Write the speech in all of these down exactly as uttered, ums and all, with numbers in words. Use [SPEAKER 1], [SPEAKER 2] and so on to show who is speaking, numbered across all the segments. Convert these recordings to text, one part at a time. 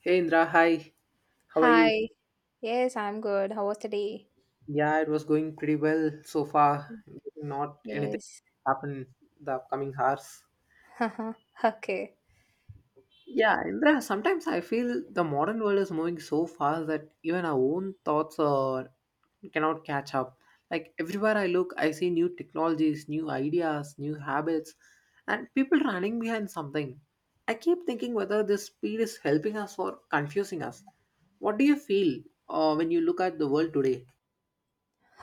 [SPEAKER 1] Hey Indra, hi. How are you?
[SPEAKER 2] Hi. Yes, I'm good. How was the day?
[SPEAKER 1] Yeah, it was going pretty well so far. Not anything
[SPEAKER 2] Yes.
[SPEAKER 1] happened the upcoming hours.
[SPEAKER 2] Okay.
[SPEAKER 1] Yeah, Indra, sometimes I feel the modern world is moving so fast that even our own thoughts are cannot catch up. Like everywhere I look, I see new technologies, new ideas, new habits, and people running behind something. I keep thinking whether this speed is helping us or confusing us. What do you feel uh, when you look at the world today?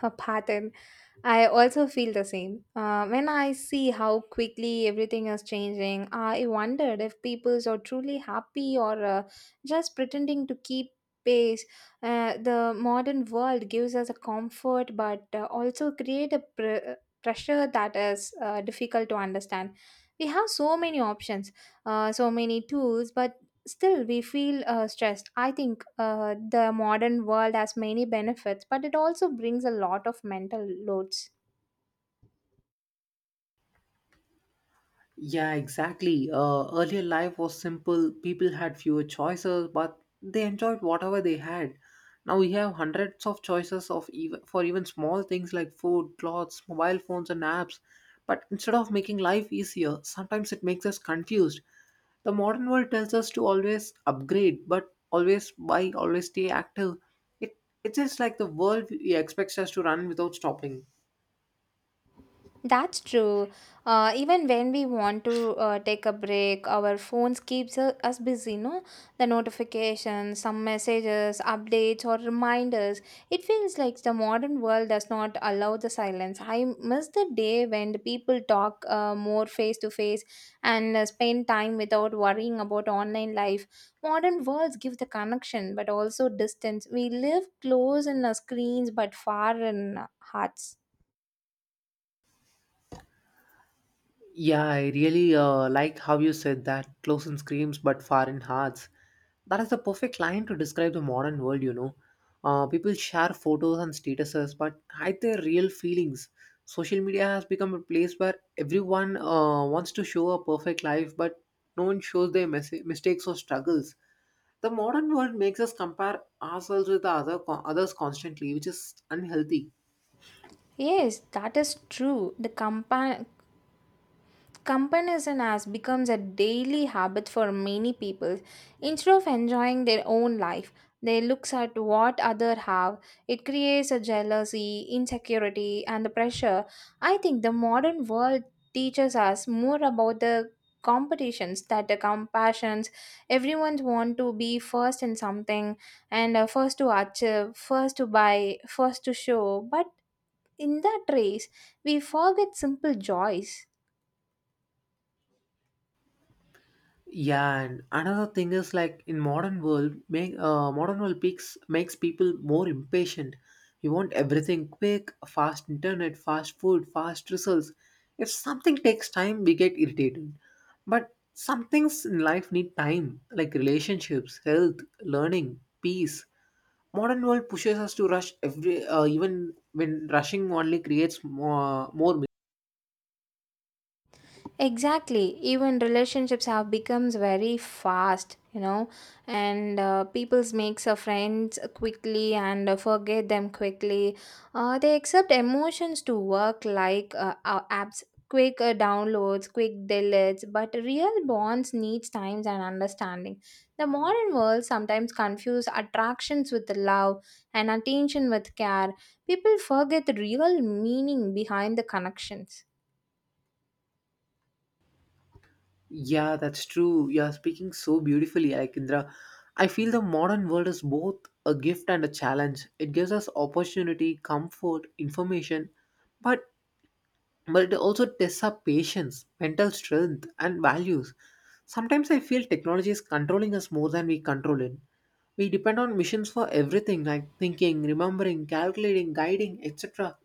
[SPEAKER 2] A pattern. I also feel the same. Uh, when I see how quickly everything is changing, I wondered if people are truly happy or uh, just pretending to keep pace. Uh, the modern world gives us a comfort, but uh, also create a pr- uh, pressure that is uh, difficult to understand. We have so many options, uh, so many tools, but still we feel uh, stressed. I think uh, the modern world has many benefits, but it also brings a lot of mental loads.
[SPEAKER 1] Yeah, exactly. Uh, earlier life was simple. People had fewer choices, but they enjoyed whatever they had. Now we have hundreds of choices of even for even small things like food, clothes, mobile phones, and apps. But instead of making life easier, sometimes it makes us confused. The modern world tells us to always upgrade, but always buy, always stay active. It it's just like the world expects us to run without stopping.
[SPEAKER 2] That's true. Uh, even when we want to uh, take a break, our phones keeps uh, us busy. No, the notifications, some messages, updates, or reminders. It feels like the modern world does not allow the silence. I miss the day when the people talk uh, more face to face and uh, spend time without worrying about online life. Modern worlds give the connection, but also distance. We live close in our screens, but far in our hearts.
[SPEAKER 1] Yeah, I really uh, like how you said that close in screams but far in hearts. That is the perfect line to describe the modern world, you know. Uh, people share photos and statuses but hide their real feelings. Social media has become a place where everyone uh, wants to show a perfect life but no one shows their mes- mistakes or struggles. The modern world makes us compare ourselves with the other co- others constantly, which is unhealthy.
[SPEAKER 2] Yes, that is true. The compa- comparison has becomes a daily habit for many people. Instead of enjoying their own life, they looks at what other have. It creates a jealousy, insecurity, and the pressure. I think the modern world teaches us more about the competitions that the compassions. Everyone want to be first in something, and uh, first to achieve, first to buy, first to show, but in that race, we forget simple joys.
[SPEAKER 1] Yeah, and another thing is like in modern world, make uh, modern world peaks makes people more impatient. You want everything quick, fast internet, fast food, fast results. If something takes time, we get irritated. But some things in life need time, like relationships, health, learning, peace. Modern world pushes us to rush every, uh, even when rushing only creates more, more
[SPEAKER 2] Exactly. Even relationships have becomes very fast, you know, and uh, people makes a friends quickly and uh, forget them quickly. Uh, they accept emotions to work like uh, uh, apps, quick uh, downloads, quick deletes, but real bonds needs times and understanding. The modern world sometimes confuse attractions with love and attention with care. People forget the real meaning behind the connections.
[SPEAKER 1] Yeah, that's true. You are speaking so beautifully, Aikindra. I feel the modern world is both a gift and a challenge. It gives us opportunity, comfort, information, but but it also tests our patience, mental strength, and values. Sometimes I feel technology is controlling us more than we control it. We depend on machines for everything like thinking, remembering, calculating, guiding, et cetera.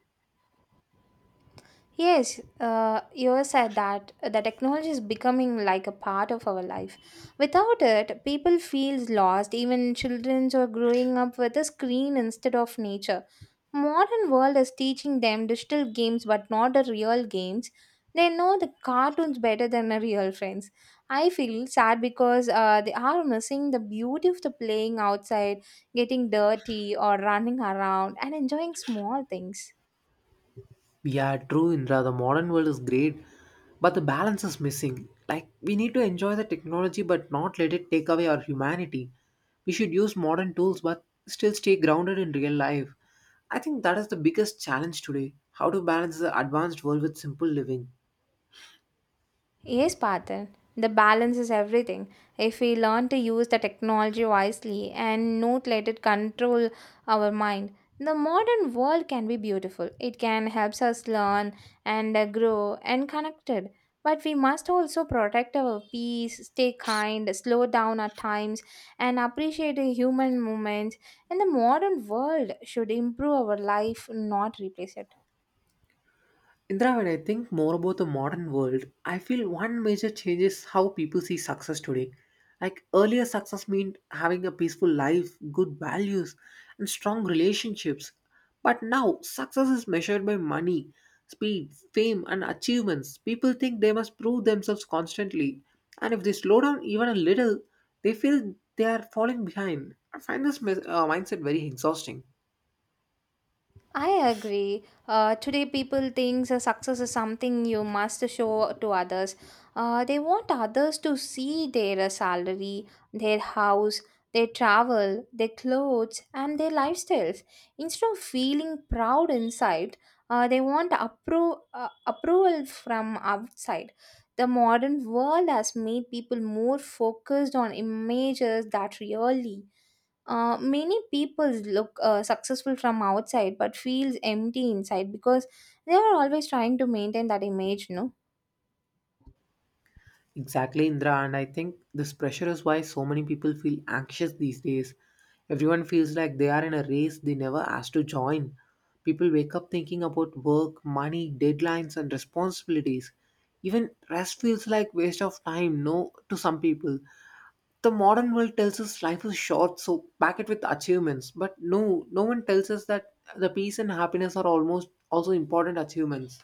[SPEAKER 2] Yes, uh, you said that the technology is becoming like a part of our life. Without it, people feels lost. Even children are growing up with a screen instead of nature. Modern world is teaching them digital games, but not the real games. They know the cartoons better than the real friends. I feel sad because uh, they are missing the beauty of the playing outside, getting dirty, or running around and enjoying small things.
[SPEAKER 1] Yeah, true, Indra. The modern world is great, but the balance is missing. Like, we need to enjoy the technology but not let it take away our humanity. We should use modern tools but still stay grounded in real life. I think that is the biggest challenge today how to balance the advanced world with simple living.
[SPEAKER 2] Yes, Patan. The balance is everything. If we learn to use the technology wisely and not let it control our mind, the modern world can be beautiful. It can help us learn and uh, grow and connected. But we must also protect our peace, stay kind, slow down at times, and appreciate the human moments. And the modern world should improve our life, not replace it.
[SPEAKER 1] Indra, when I think more about the modern world, I feel one major change is how people see success today. Like earlier, success meant having a peaceful life, good values, and strong relationships. But now, success is measured by money, speed, fame, and achievements. People think they must prove themselves constantly, and if they slow down even a little, they feel they are falling behind. I find this mes- uh, mindset very exhausting.
[SPEAKER 2] I agree. Uh, today, people think that success is something you must show to others. Uh, they want others to see their uh, salary, their house, their travel, their clothes, and their lifestyles. Instead of feeling proud inside, uh, they want appro- uh, approval from outside. The modern world has made people more focused on images that really uh, many people look uh, successful from outside but feels empty inside because they are always trying to maintain that image, no?
[SPEAKER 1] Exactly, Indra. And I think this pressure is why so many people feel anxious these days. Everyone feels like they are in a race they never asked to join. People wake up thinking about work, money, deadlines, and responsibilities. Even rest feels like waste of time, no, to some people. The modern world tells us life is short, so pack it with achievements. But no, no one tells us that the peace and happiness are almost also important achievements.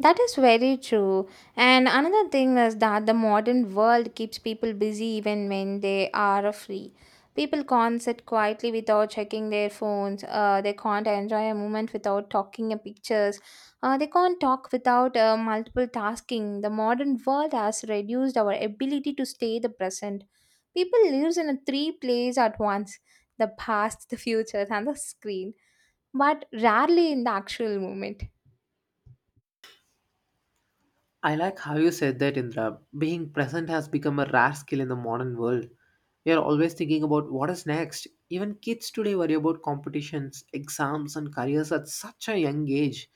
[SPEAKER 2] That is very true. And another thing is that the modern world keeps people busy even when they are free. People can't sit quietly without checking their phones. Uh, they can't enjoy a moment without talking a pictures. Uh, they can't talk without uh, multiple tasking. The modern world has reduced our ability to stay the present. People lives in a three place at once: the past, the future, and the screen, but rarely in the actual moment.
[SPEAKER 1] I like how you said that, Indra. Being present has become a rare skill in the modern world. We are always thinking about what is next. Even kids today worry about competitions, exams, and careers at such a young age.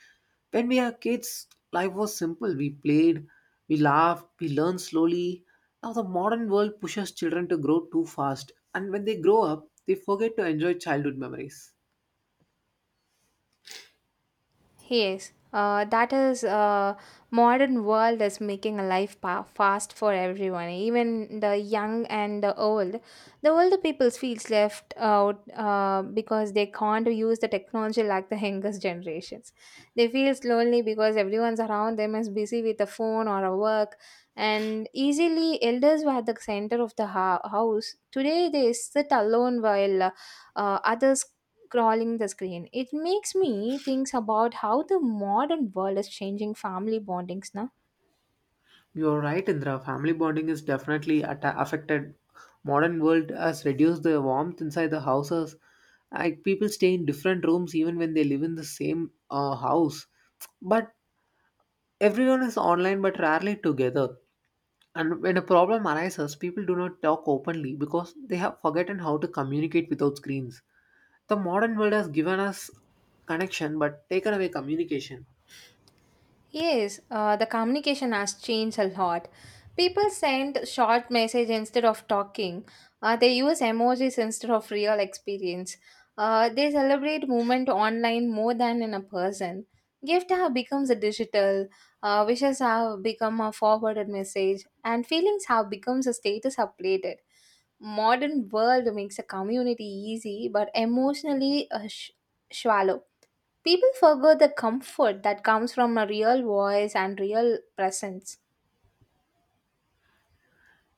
[SPEAKER 1] When we are kids, life was simple. We played, we laughed, we learned slowly. Now, the modern world pushes children to grow too fast, and when they grow up, they forget to enjoy childhood memories.
[SPEAKER 2] Yes, uh, that is uh, modern world is making a life pa- fast for everyone, even the young and the old. The older people feels left out uh, because they can't use the technology like the youngest generations. They feels lonely because everyone's around them is busy with a phone or a work, and easily elders were at the center of the hou- house. Today they sit alone while uh, uh, others crawling the screen. It makes me think about how the modern world is changing family bondings now.
[SPEAKER 1] You're right, Indra. Family bonding is definitely atta affected. Modern world has reduced the warmth inside the houses. Like people stay in different rooms even when they live in the same uh, house. But everyone is online, but rarely together. And when a problem arises, people do not talk openly because they have forgotten how to communicate without screens. The modern world has given us connection, but taken away communication.
[SPEAKER 2] Yes, uh, the communication has changed a lot. People send short message instead of talking. Uh, they use emojis instead of real experience. Uh, they celebrate movement online more than in a person. Gift have becomes a digital. Uh, wishes have become a forwarded message, and feelings have becomes a status updated. Modern world makes a community easy, but emotionally uh, sh- shallow. People forget the comfort that comes from a real voice and real presence.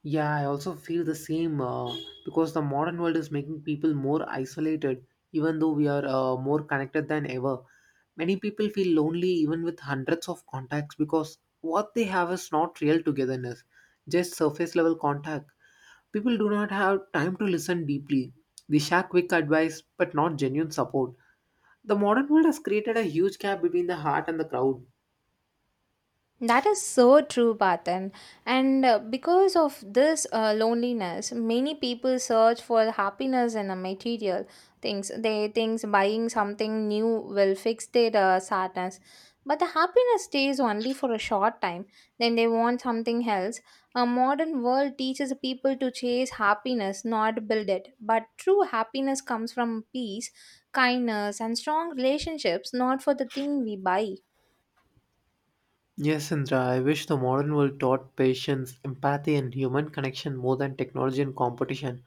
[SPEAKER 1] Yeah, I also feel the same uh, because the modern world is making people more isolated, even though we are uh, more connected than ever. Many people feel lonely even with hundreds of contacts because what they have is not real togetherness, just surface level contact. People do not have time to listen deeply. They share quick advice but not genuine support. The modern world has created a huge gap between the heart and the crowd.
[SPEAKER 2] That is so true, Patan. And uh, because of this uh, loneliness, many people search for happiness in a material things. They think buying something new will fix their uh, sadness. But the happiness stays only for a short time. Then they want something else. A modern world teaches people to chase happiness, not build it. But true happiness comes from peace, kindness, and strong relationships, not for the thing we buy.
[SPEAKER 1] Yes, Indra, I wish the modern world taught patience, empathy, and human connection more than technology and competition.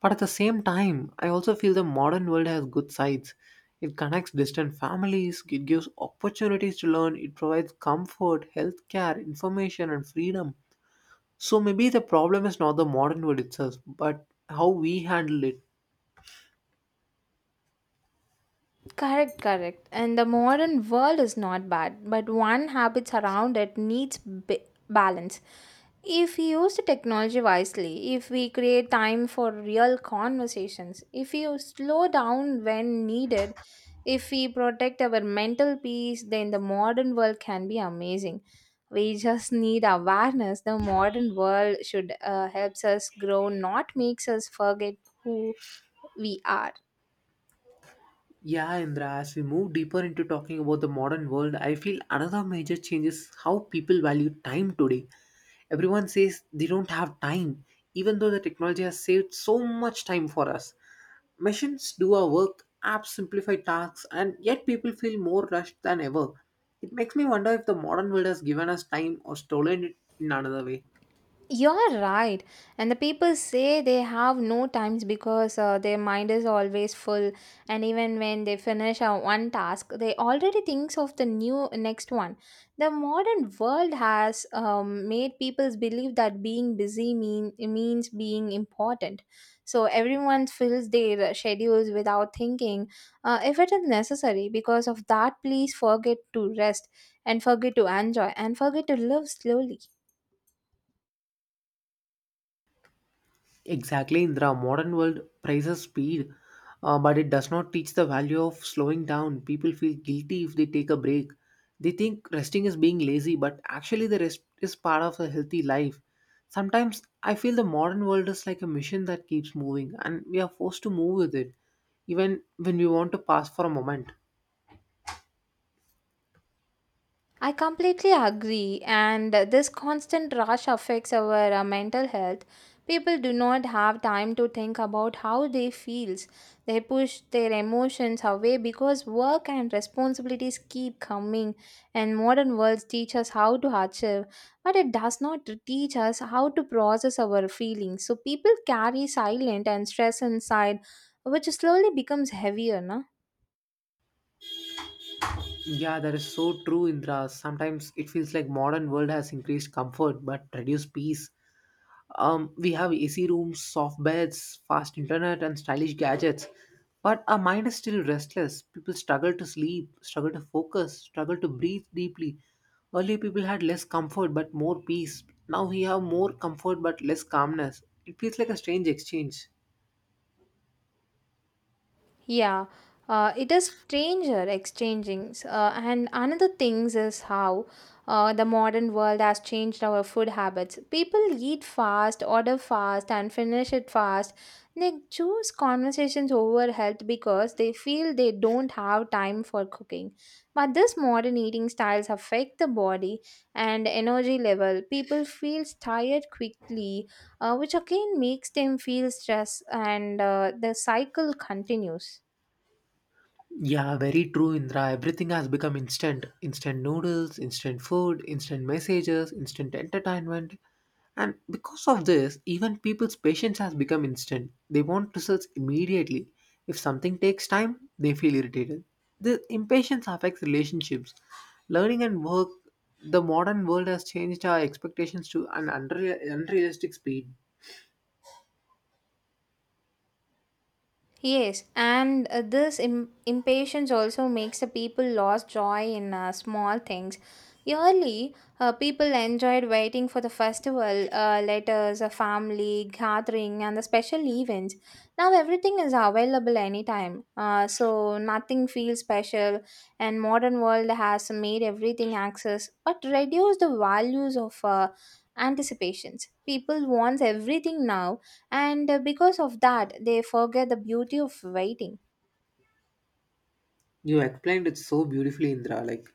[SPEAKER 1] But at the same time, I also feel the modern world has good sides. It connects distant families, it gives opportunities to learn, it provides comfort, healthcare, information, and freedom. So maybe the problem is not the modern world itself, but how we handle it.
[SPEAKER 2] Correct, correct. And the modern world is not bad, but one habits around it needs b- balance. If we use the technology wisely, if we create time for real conversations, if we slow down when needed, if we protect our mental peace, then the modern world can be amazing. We just need awareness. The modern world should uh, helps us grow, not makes us forget who we are.
[SPEAKER 1] Yeah, Indra, as we move deeper into talking about the modern world, I feel another major change is how people value time today. Everyone says they don't have time, even though the technology has saved so much time for us. Machines do our work, apps simplify tasks, and yet people feel more rushed than ever. It makes me wonder if the modern world has given us time or stolen it in another way.
[SPEAKER 2] You're right. And the people say they have no times because uh, their mind is always full. And even when they finish uh, one task, they already thinks of the new next one. The modern world has um, made people believe that being busy mean, means being important. So everyone fills their schedules without thinking uh, if it is necessary. Because of that, please forget to rest and forget to enjoy and forget to live slowly.
[SPEAKER 1] Exactly, Indra. Modern world praises speed, uh, but it does not teach the value of slowing down. People feel guilty if they take a break. They think resting is being lazy, but actually, the rest is part of a healthy life. Sometimes I feel the modern world is like a machine that keeps moving, and we are forced to move with it, even when we want to pause for a moment.
[SPEAKER 2] I completely agree, and this constant rush affects our uh, mental health. People do not have time to think about how they feels. They push their emotions away because work and responsibilities keep coming, and modern worlds teach us how to achieve, but it does not teach us how to process our feelings. So people carry silent and stress inside, which slowly becomes heavier, na?
[SPEAKER 1] Yeah, that is so true, Indra. Sometimes it feels like modern world has increased comfort but reduced peace. Um, we have A C rooms, soft beds, fast internet, and stylish gadgets. But our mind is still restless. People struggle to sleep, struggle to focus, struggle to breathe deeply. Earlier, people had less comfort but more peace. Now we have more comfort but less calmness. It feels like a strange exchange.
[SPEAKER 2] Yeah, uh, it is stranger exchangings. Uh, and another things is how uh, the modern world has changed our food habits. People eat fast, order fast, and finish it fast. They choose conversations over health because they feel they don't have time for cooking. But this modern eating styles affect the body and energy level. People feel tired quickly, uh, which again makes them feel stress, and uh, the cycle continues.
[SPEAKER 1] Yeah, very true, Indra. Everything has become instant. Instant noodles, instant food, instant messages, instant entertainment. And because of this, even people's patience has become instant. They want results immediately. If something takes time, they feel irritated. The impatience affects relationships. Learning and work, the modern world has changed our expectations to an unreal, unrealistic speed.
[SPEAKER 2] Yes, and uh, this Im- impatience also makes the people lost joy in uh, small things. Yearly, uh, people enjoyed waiting for the festival, uh, letters, a family gathering, and the special events. Now everything is available anytime, uh, so nothing feels special. And modern world has made everything access, but reduced the values of uh, anticipations. People wants everything now, and uh, because of that they forget the beauty of waiting.
[SPEAKER 1] You explained it so beautifully, Indra. Like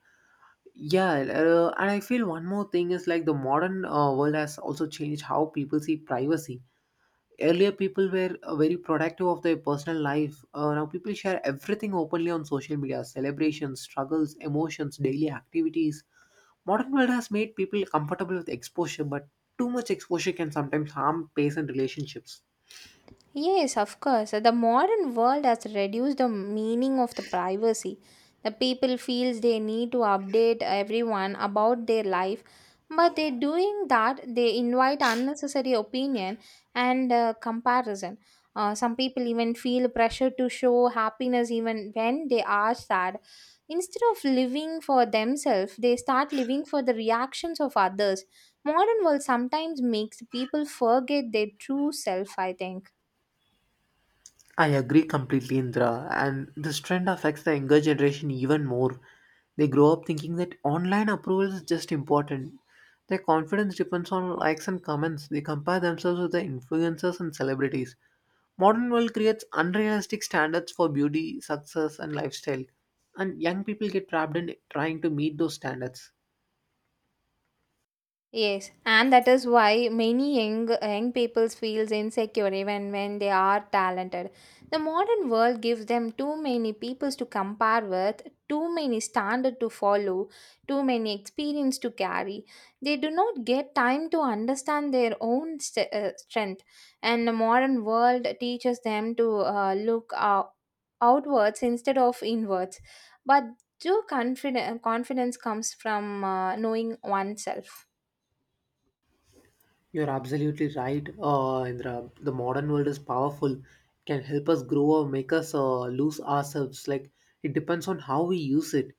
[SPEAKER 1] yeah, uh, and I feel one more thing is like the modern uh, world has also changed how people see privacy. Earlier, people were uh, very protective of their personal life. Uh, now, people share everything openly on social media celebrations, struggles, emotions, daily activities. Modern world has made people comfortable with exposure, but too much exposure can sometimes harm patient relationships.
[SPEAKER 2] Yes, of course. The modern world has reduced the meaning of the privacy. The people feels they need to update everyone about their life, but they doing that they invite unnecessary opinion and uh, comparison. Uh, some people even feel pressure to show happiness even when they are sad. Instead of living for themselves, they start living for the reactions of others. Modern world sometimes makes people forget their true self, I think.
[SPEAKER 1] I agree completely, Indra. And this trend affects the younger generation even more. They grow up thinking that online approval is just important. Their confidence depends on likes and comments. They compare themselves with the influencers and celebrities. Modern world creates unrealistic standards for beauty, success, and lifestyle, and young people get trapped in trying to meet those standards.
[SPEAKER 2] Yes, and that is why many young young people feels insecure even when they are talented. The modern world gives them too many peoples to compare with, too many standard to follow, too many experience to carry. They do not get time to understand their own st- uh, strength, and the modern world teaches them to uh, look uh, outwards instead of inwards. But true confidence confidence comes from uh, knowing oneself.
[SPEAKER 1] You're absolutely right, uh, Indra. The modern world is powerful, can help us grow or make us uh, lose ourselves. Like it depends on how we use it.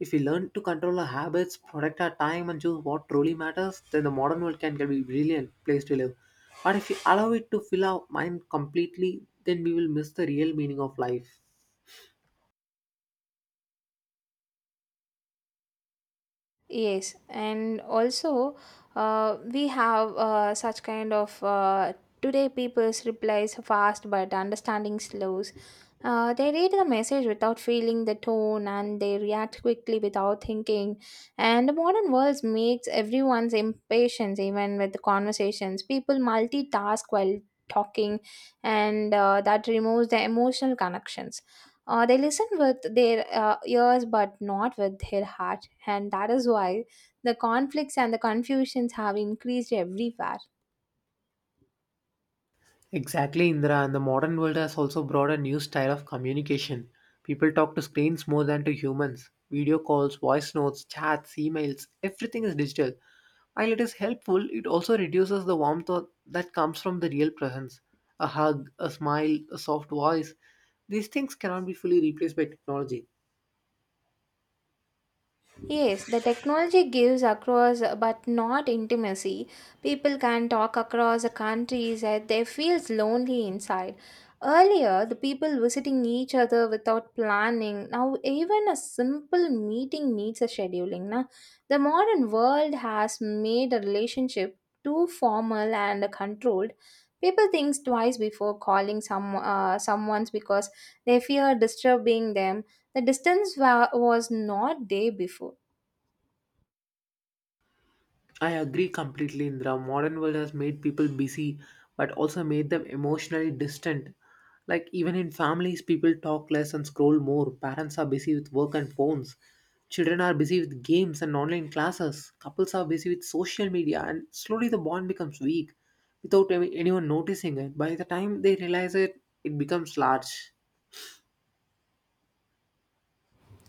[SPEAKER 1] If we learn to control our habits, protect our time, and choose what truly matters, then the modern world can be a brilliant place to live. But if we allow it to fill our mind completely, then we will miss the real meaning of life.
[SPEAKER 2] Yes, and also uh, we have uh, such kind of uh, today people's replies fast but understanding slows. Uh, they read the message without feeling the tone, and they react quickly without thinking. And the modern world makes everyone's impatience even with the conversations. People multitask while talking, and uh, that removes the emotional connections. Uh, they listen with their uh, ears but not with their heart, and that is why the conflicts and the confusions have increased everywhere.
[SPEAKER 1] Exactly, Indra, and the modern world has also brought a new style of communication. People talk to screens more than to humans. Video calls, voice notes, chats, emails, everything is digital. While it is helpful, it also reduces the warmth o- that comes from the real presence. A hug, a smile, a soft voice. These things cannot be fully replaced by technology.
[SPEAKER 2] Yes, the technology gives across uh, but not intimacy. People can talk across the countries and they feels lonely inside. Earlier, the people visiting each other without planning. Now, even a simple meeting needs a scheduling. Now, the modern world has made a relationship too formal and controlled. People think twice before calling some uh, someone's because they fear disturbing them. The distance wa- was not there before.
[SPEAKER 1] I agree completely, Indra. Modern world has made people busy, but also made them emotionally distant. Like even in families, people talk less and scroll more. Parents are busy with work and phones. Children are busy with games and online classes. Couples are busy with social media, and slowly the bond becomes weak, without any- anyone noticing it. By the time they realize it, it becomes large.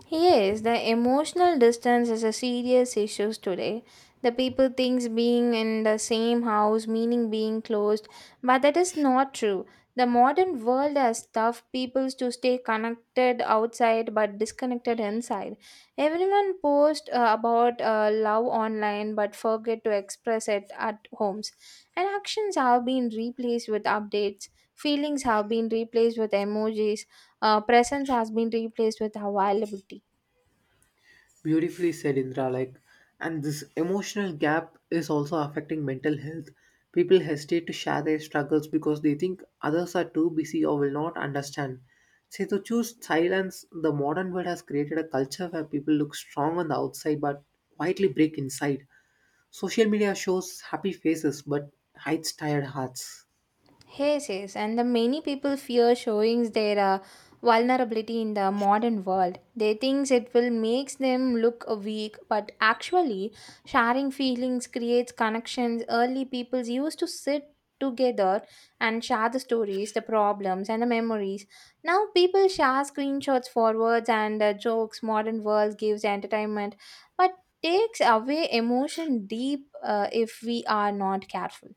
[SPEAKER 2] Yes, the emotional distance is a serious issue today. The people thinks being in the same house meaning being closed, but that is not true. The modern world has tough people to stay connected outside but disconnected inside. Everyone posts uh, about uh, love online but forget to express it at homes. And actions have been replaced with updates. Feelings have been replaced with emojis. Uh, presence has been replaced with availability.
[SPEAKER 1] Beautifully said, Indra. Like, and this emotional gap is also affecting mental health. People hesitate to share their struggles because they think others are too busy or will not understand. Say to choose silence, the modern world has created a culture where people look strong on the outside but quietly break inside. Social media shows happy faces but hides tired hearts.
[SPEAKER 2] Yes, yes, and the many people fear showing their uh, vulnerability in the modern world. They think it will makes them look uh, weak, but actually, sharing feelings creates connections. Early peoples used to sit together and share the stories, the problems, and the memories. Now people share screenshots, forwards, and uh, jokes. Modern world gives entertainment, but takes away emotion deep uh, if we are not careful.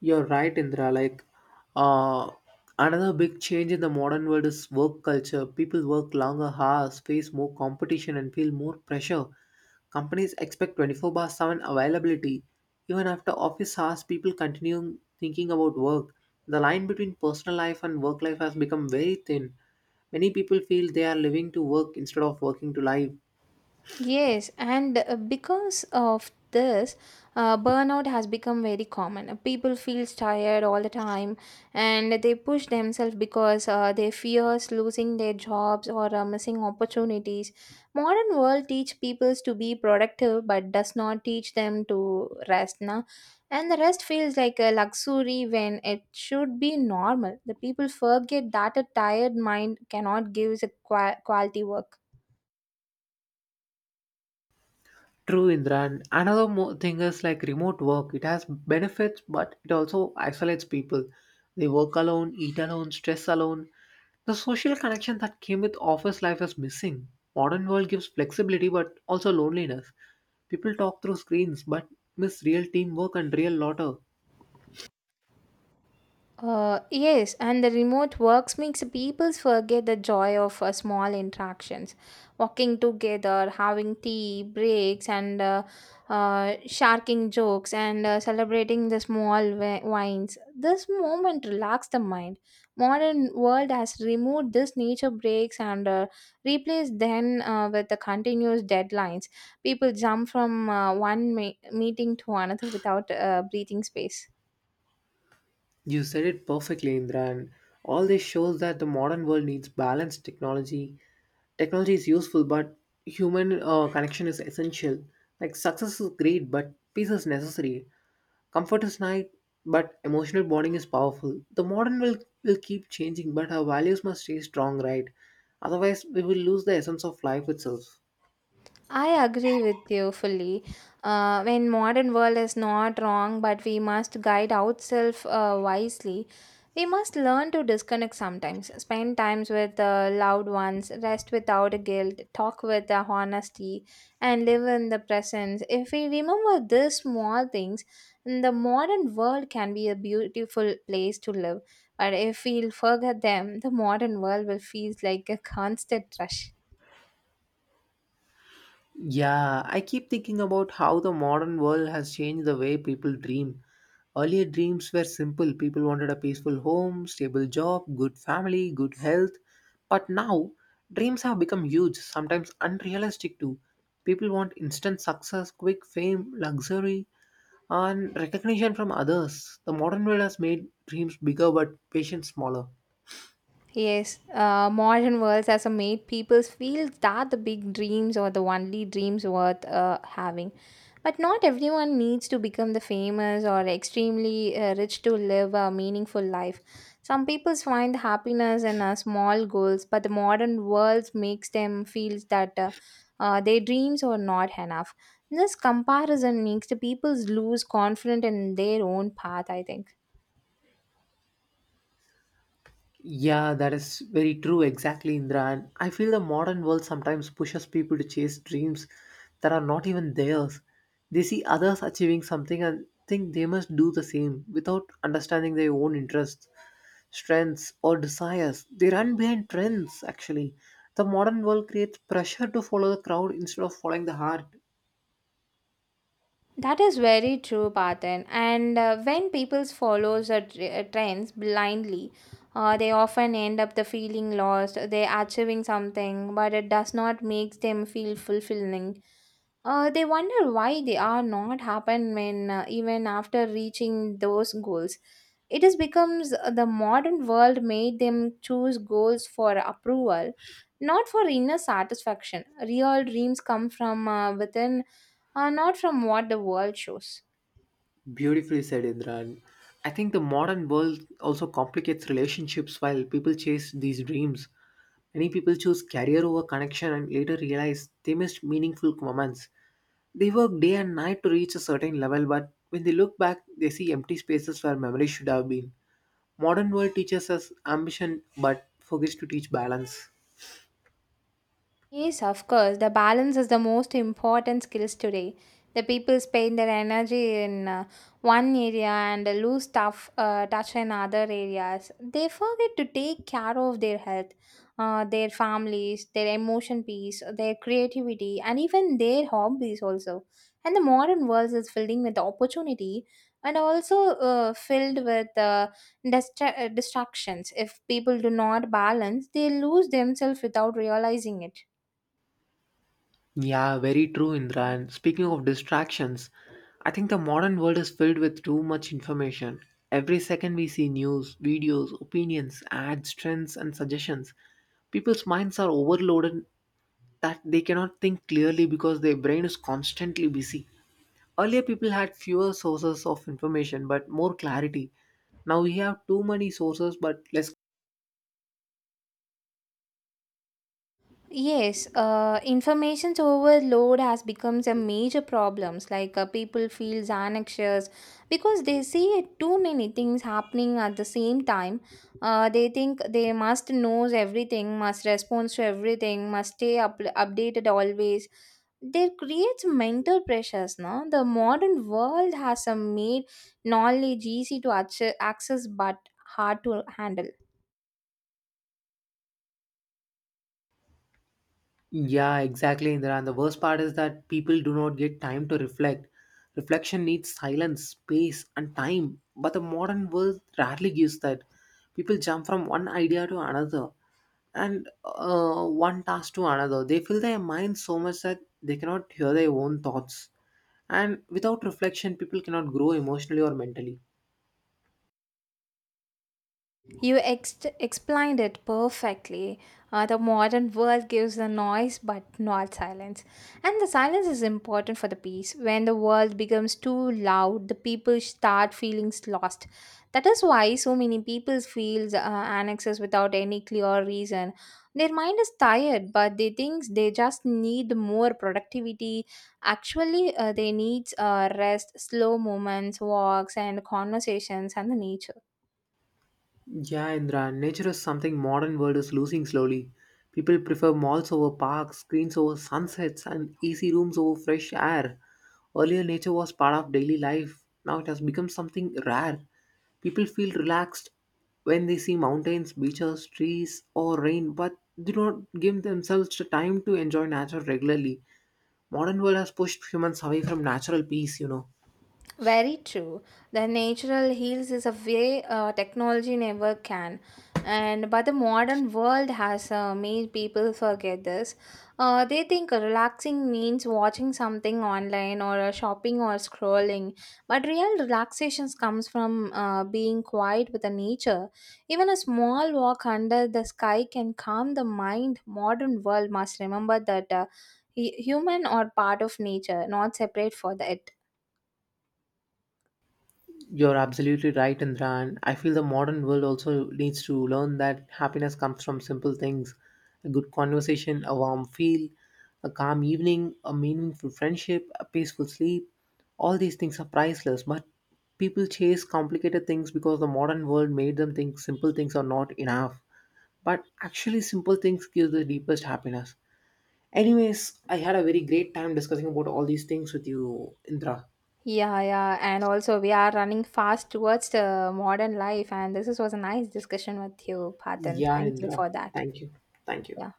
[SPEAKER 1] You're right, Indra. Like, uh, Another big change in the modern world is work culture. People work longer hours, face more competition, and feel more pressure. Companies expect twenty-four by seven availability. Even after office hours, people continue thinking about work. The line between personal life and work life has become very thin. Many people feel they are living to work instead of working to life.
[SPEAKER 2] Yes, and uh, because of this, uh, burnout has become very common. People feel tired all the time, and they push themselves because uh, they fears losing their jobs or uh, missing opportunities. Modern world teach people to be productive, but does not teach them to rest. Now, and the rest feels like a luxury when it should be normal. The people forget that a tired mind cannot give a qua- quality work.
[SPEAKER 1] True, Indra. And another mo- thing is like remote work. It has benefits, but it also isolates people. They work alone, eat alone, stress alone. The social connection that came with office life is missing. Modern world gives flexibility, but also loneliness. People talk through screens, but miss real teamwork and real laughter.
[SPEAKER 2] Uh, yes, and the remote works makes people forget the joy of uh, small interactions, walking together, having tea breaks, and uh, uh, sharking jokes, and uh, celebrating the small wi- wines. This moment relax the mind. Modern world has removed this nature breaks and uh, replaced them uh, with the continuous deadlines. People jump from uh, one me- meeting to another without uh, breathing space.
[SPEAKER 1] You said it perfectly, Indra. And all this shows that the modern world needs balanced technology. Technology is useful, but human uh, connection is essential. Like, success is great, but peace is necessary. Comfort is nice, but emotional bonding is powerful. The modern will will keep changing, but our values must stay strong, right? Otherwise, we will lose the essence of life itself.
[SPEAKER 2] I agree with you fully. Uh, when modern world is not wrong, but we must guide ourselves uh, wisely. We must learn to disconnect sometimes, spend times with uh, loved ones, rest without guilt, talk with uh, honesty, and live in the presence. If we remember these small things, the modern world can be a beautiful place to live. But if we forget them, the modern world will feel like a constant rush.
[SPEAKER 1] Yeah, I keep thinking about how the modern world has changed the way people dream. Earlier dreams were simple. People wanted a peaceful home, stable job, good family, good health. But now, dreams have become huge, sometimes unrealistic too. People want instant success, quick fame, luxury, and recognition from others. The modern world has made dreams bigger but patience smaller.
[SPEAKER 2] Yes, uh, modern worlds has made people feel that the big dreams are the only dreams worth uh, having. But not everyone needs to become the famous or extremely uh, rich to live a meaningful life. Some people find happiness in uh, small goals, but the modern world makes them feel that uh, uh, their dreams are not enough. This comparison makes the people lose confidence in their own path, I think.
[SPEAKER 1] Yeah, that is very true, exactly, Indra. And I feel the modern world sometimes pushes people to chase dreams that are not even theirs. They see others achieving something and think they must do the same without understanding their own interests, strengths, or desires. They run behind trends, actually. The modern world creates pressure to follow the crowd instead of following the heart.
[SPEAKER 2] That is very true, Patan. And uh, when people follows the tr- uh, trends blindly, uh, they often end up the feeling lost. They are achieving something, but it does not make them feel fulfilling. Uh, they wonder why they are not happen when uh, even after reaching those goals. It is becomes uh, the modern world made them choose goals for approval, not for inner satisfaction. Real dreams come from uh, within uh, not from what the world shows.
[SPEAKER 1] Beautifully said, Indra. And I think the modern world also complicates relationships while people chase these dreams. Many people choose career over connection and later realize they missed meaningful moments. They work day and night to reach a certain level, but when they look back, they see empty spaces where memory should have been. Modern world teaches us ambition but forgets to teach balance.
[SPEAKER 2] Yes, of course. The balance is the most important skills today. The people spend their energy in uh, one area and lose tough uh, touch in other areas. They forget to take care of their health, uh, their families, their emotion peace, their creativity, and even their hobbies also. And the modern world is filling with opportunity and also uh, filled with uh, distra- uh, distractions. If people do not balance, they lose themselves without realizing it.
[SPEAKER 1] Yeah, very true, Indra. And speaking of distractions, I think the modern world is filled with too much information. Every second we see news, videos, opinions, ads, trends, and suggestions. People's minds are overloaded that they cannot think clearly because their brain is constantly busy. Earlier, people had fewer sources of information but more clarity. Now we have too many sources but less.
[SPEAKER 2] Yes, uh, information overload has become a major problems. Like uh, people feels anxious because they see too many things happening at the same time. Uh, they think they must knows everything, must respond to everything, must stay up- updated always. There creates mental pressures. No, the modern world has uh, made knowledge easy to acce- access but hard to handle.
[SPEAKER 1] Yeah, exactly, Indra. And the worst part is that people do not get time to reflect. Reflection needs silence, space, and time. But the modern world rarely gives that. People jump from one idea to another and uh, one task to another. They fill their mind so much that they cannot hear their own thoughts. And without reflection, people cannot grow emotionally or mentally.
[SPEAKER 2] You ex- explained it perfectly. Uh, the modern world gives the noise but not silence. And the silence is important for the peace. When the world becomes too loud, the people start feeling lost. That is why so many people feel uh, annexes without any clear reason. Their mind is tired, but they think they just need more productivity. Actually, uh, they need uh, rest, slow movements, walks, and conversations and the nature.
[SPEAKER 1] Yeah, Indra, nature is something modern world is losing slowly. People prefer malls over parks, screens over sunsets, and easy rooms over fresh air. Earlier, nature was part of daily life. Now it has become something rare. People feel relaxed when they see mountains, beaches, trees, or rain, but do not give themselves the time to enjoy nature regularly. Modern world has pushed humans away from natural peace, you know.
[SPEAKER 2] Very true. The natural heals is a way uh, technology never can. And but the modern world has uh, made people forget this. Uh, they think relaxing means watching something online or uh, shopping or scrolling. But real relaxations comes from uh, being quiet with the nature. Even a small walk under the sky can calm the mind. Modern world must remember that uh, hu- human are part of nature, not separate for that.
[SPEAKER 1] You're absolutely right, Indra. And I feel the modern world also needs to learn that happiness comes from simple things: a good conversation, a warm feel, a calm evening, a meaningful friendship, a peaceful sleep. All these things are priceless, but people chase complicated things because the modern world made them think simple things are not enough. But actually, simple things give the deepest happiness. Anyways, I had a very great time discussing about all these things with you, Indra.
[SPEAKER 2] Yeah, yeah, and also we are running fast towards the modern life, and this is, was a nice discussion with you, Patan.
[SPEAKER 1] Yeah,
[SPEAKER 2] Thank you
[SPEAKER 1] Indra.
[SPEAKER 2] for that.
[SPEAKER 1] Thank you. Thank you.
[SPEAKER 2] Yeah.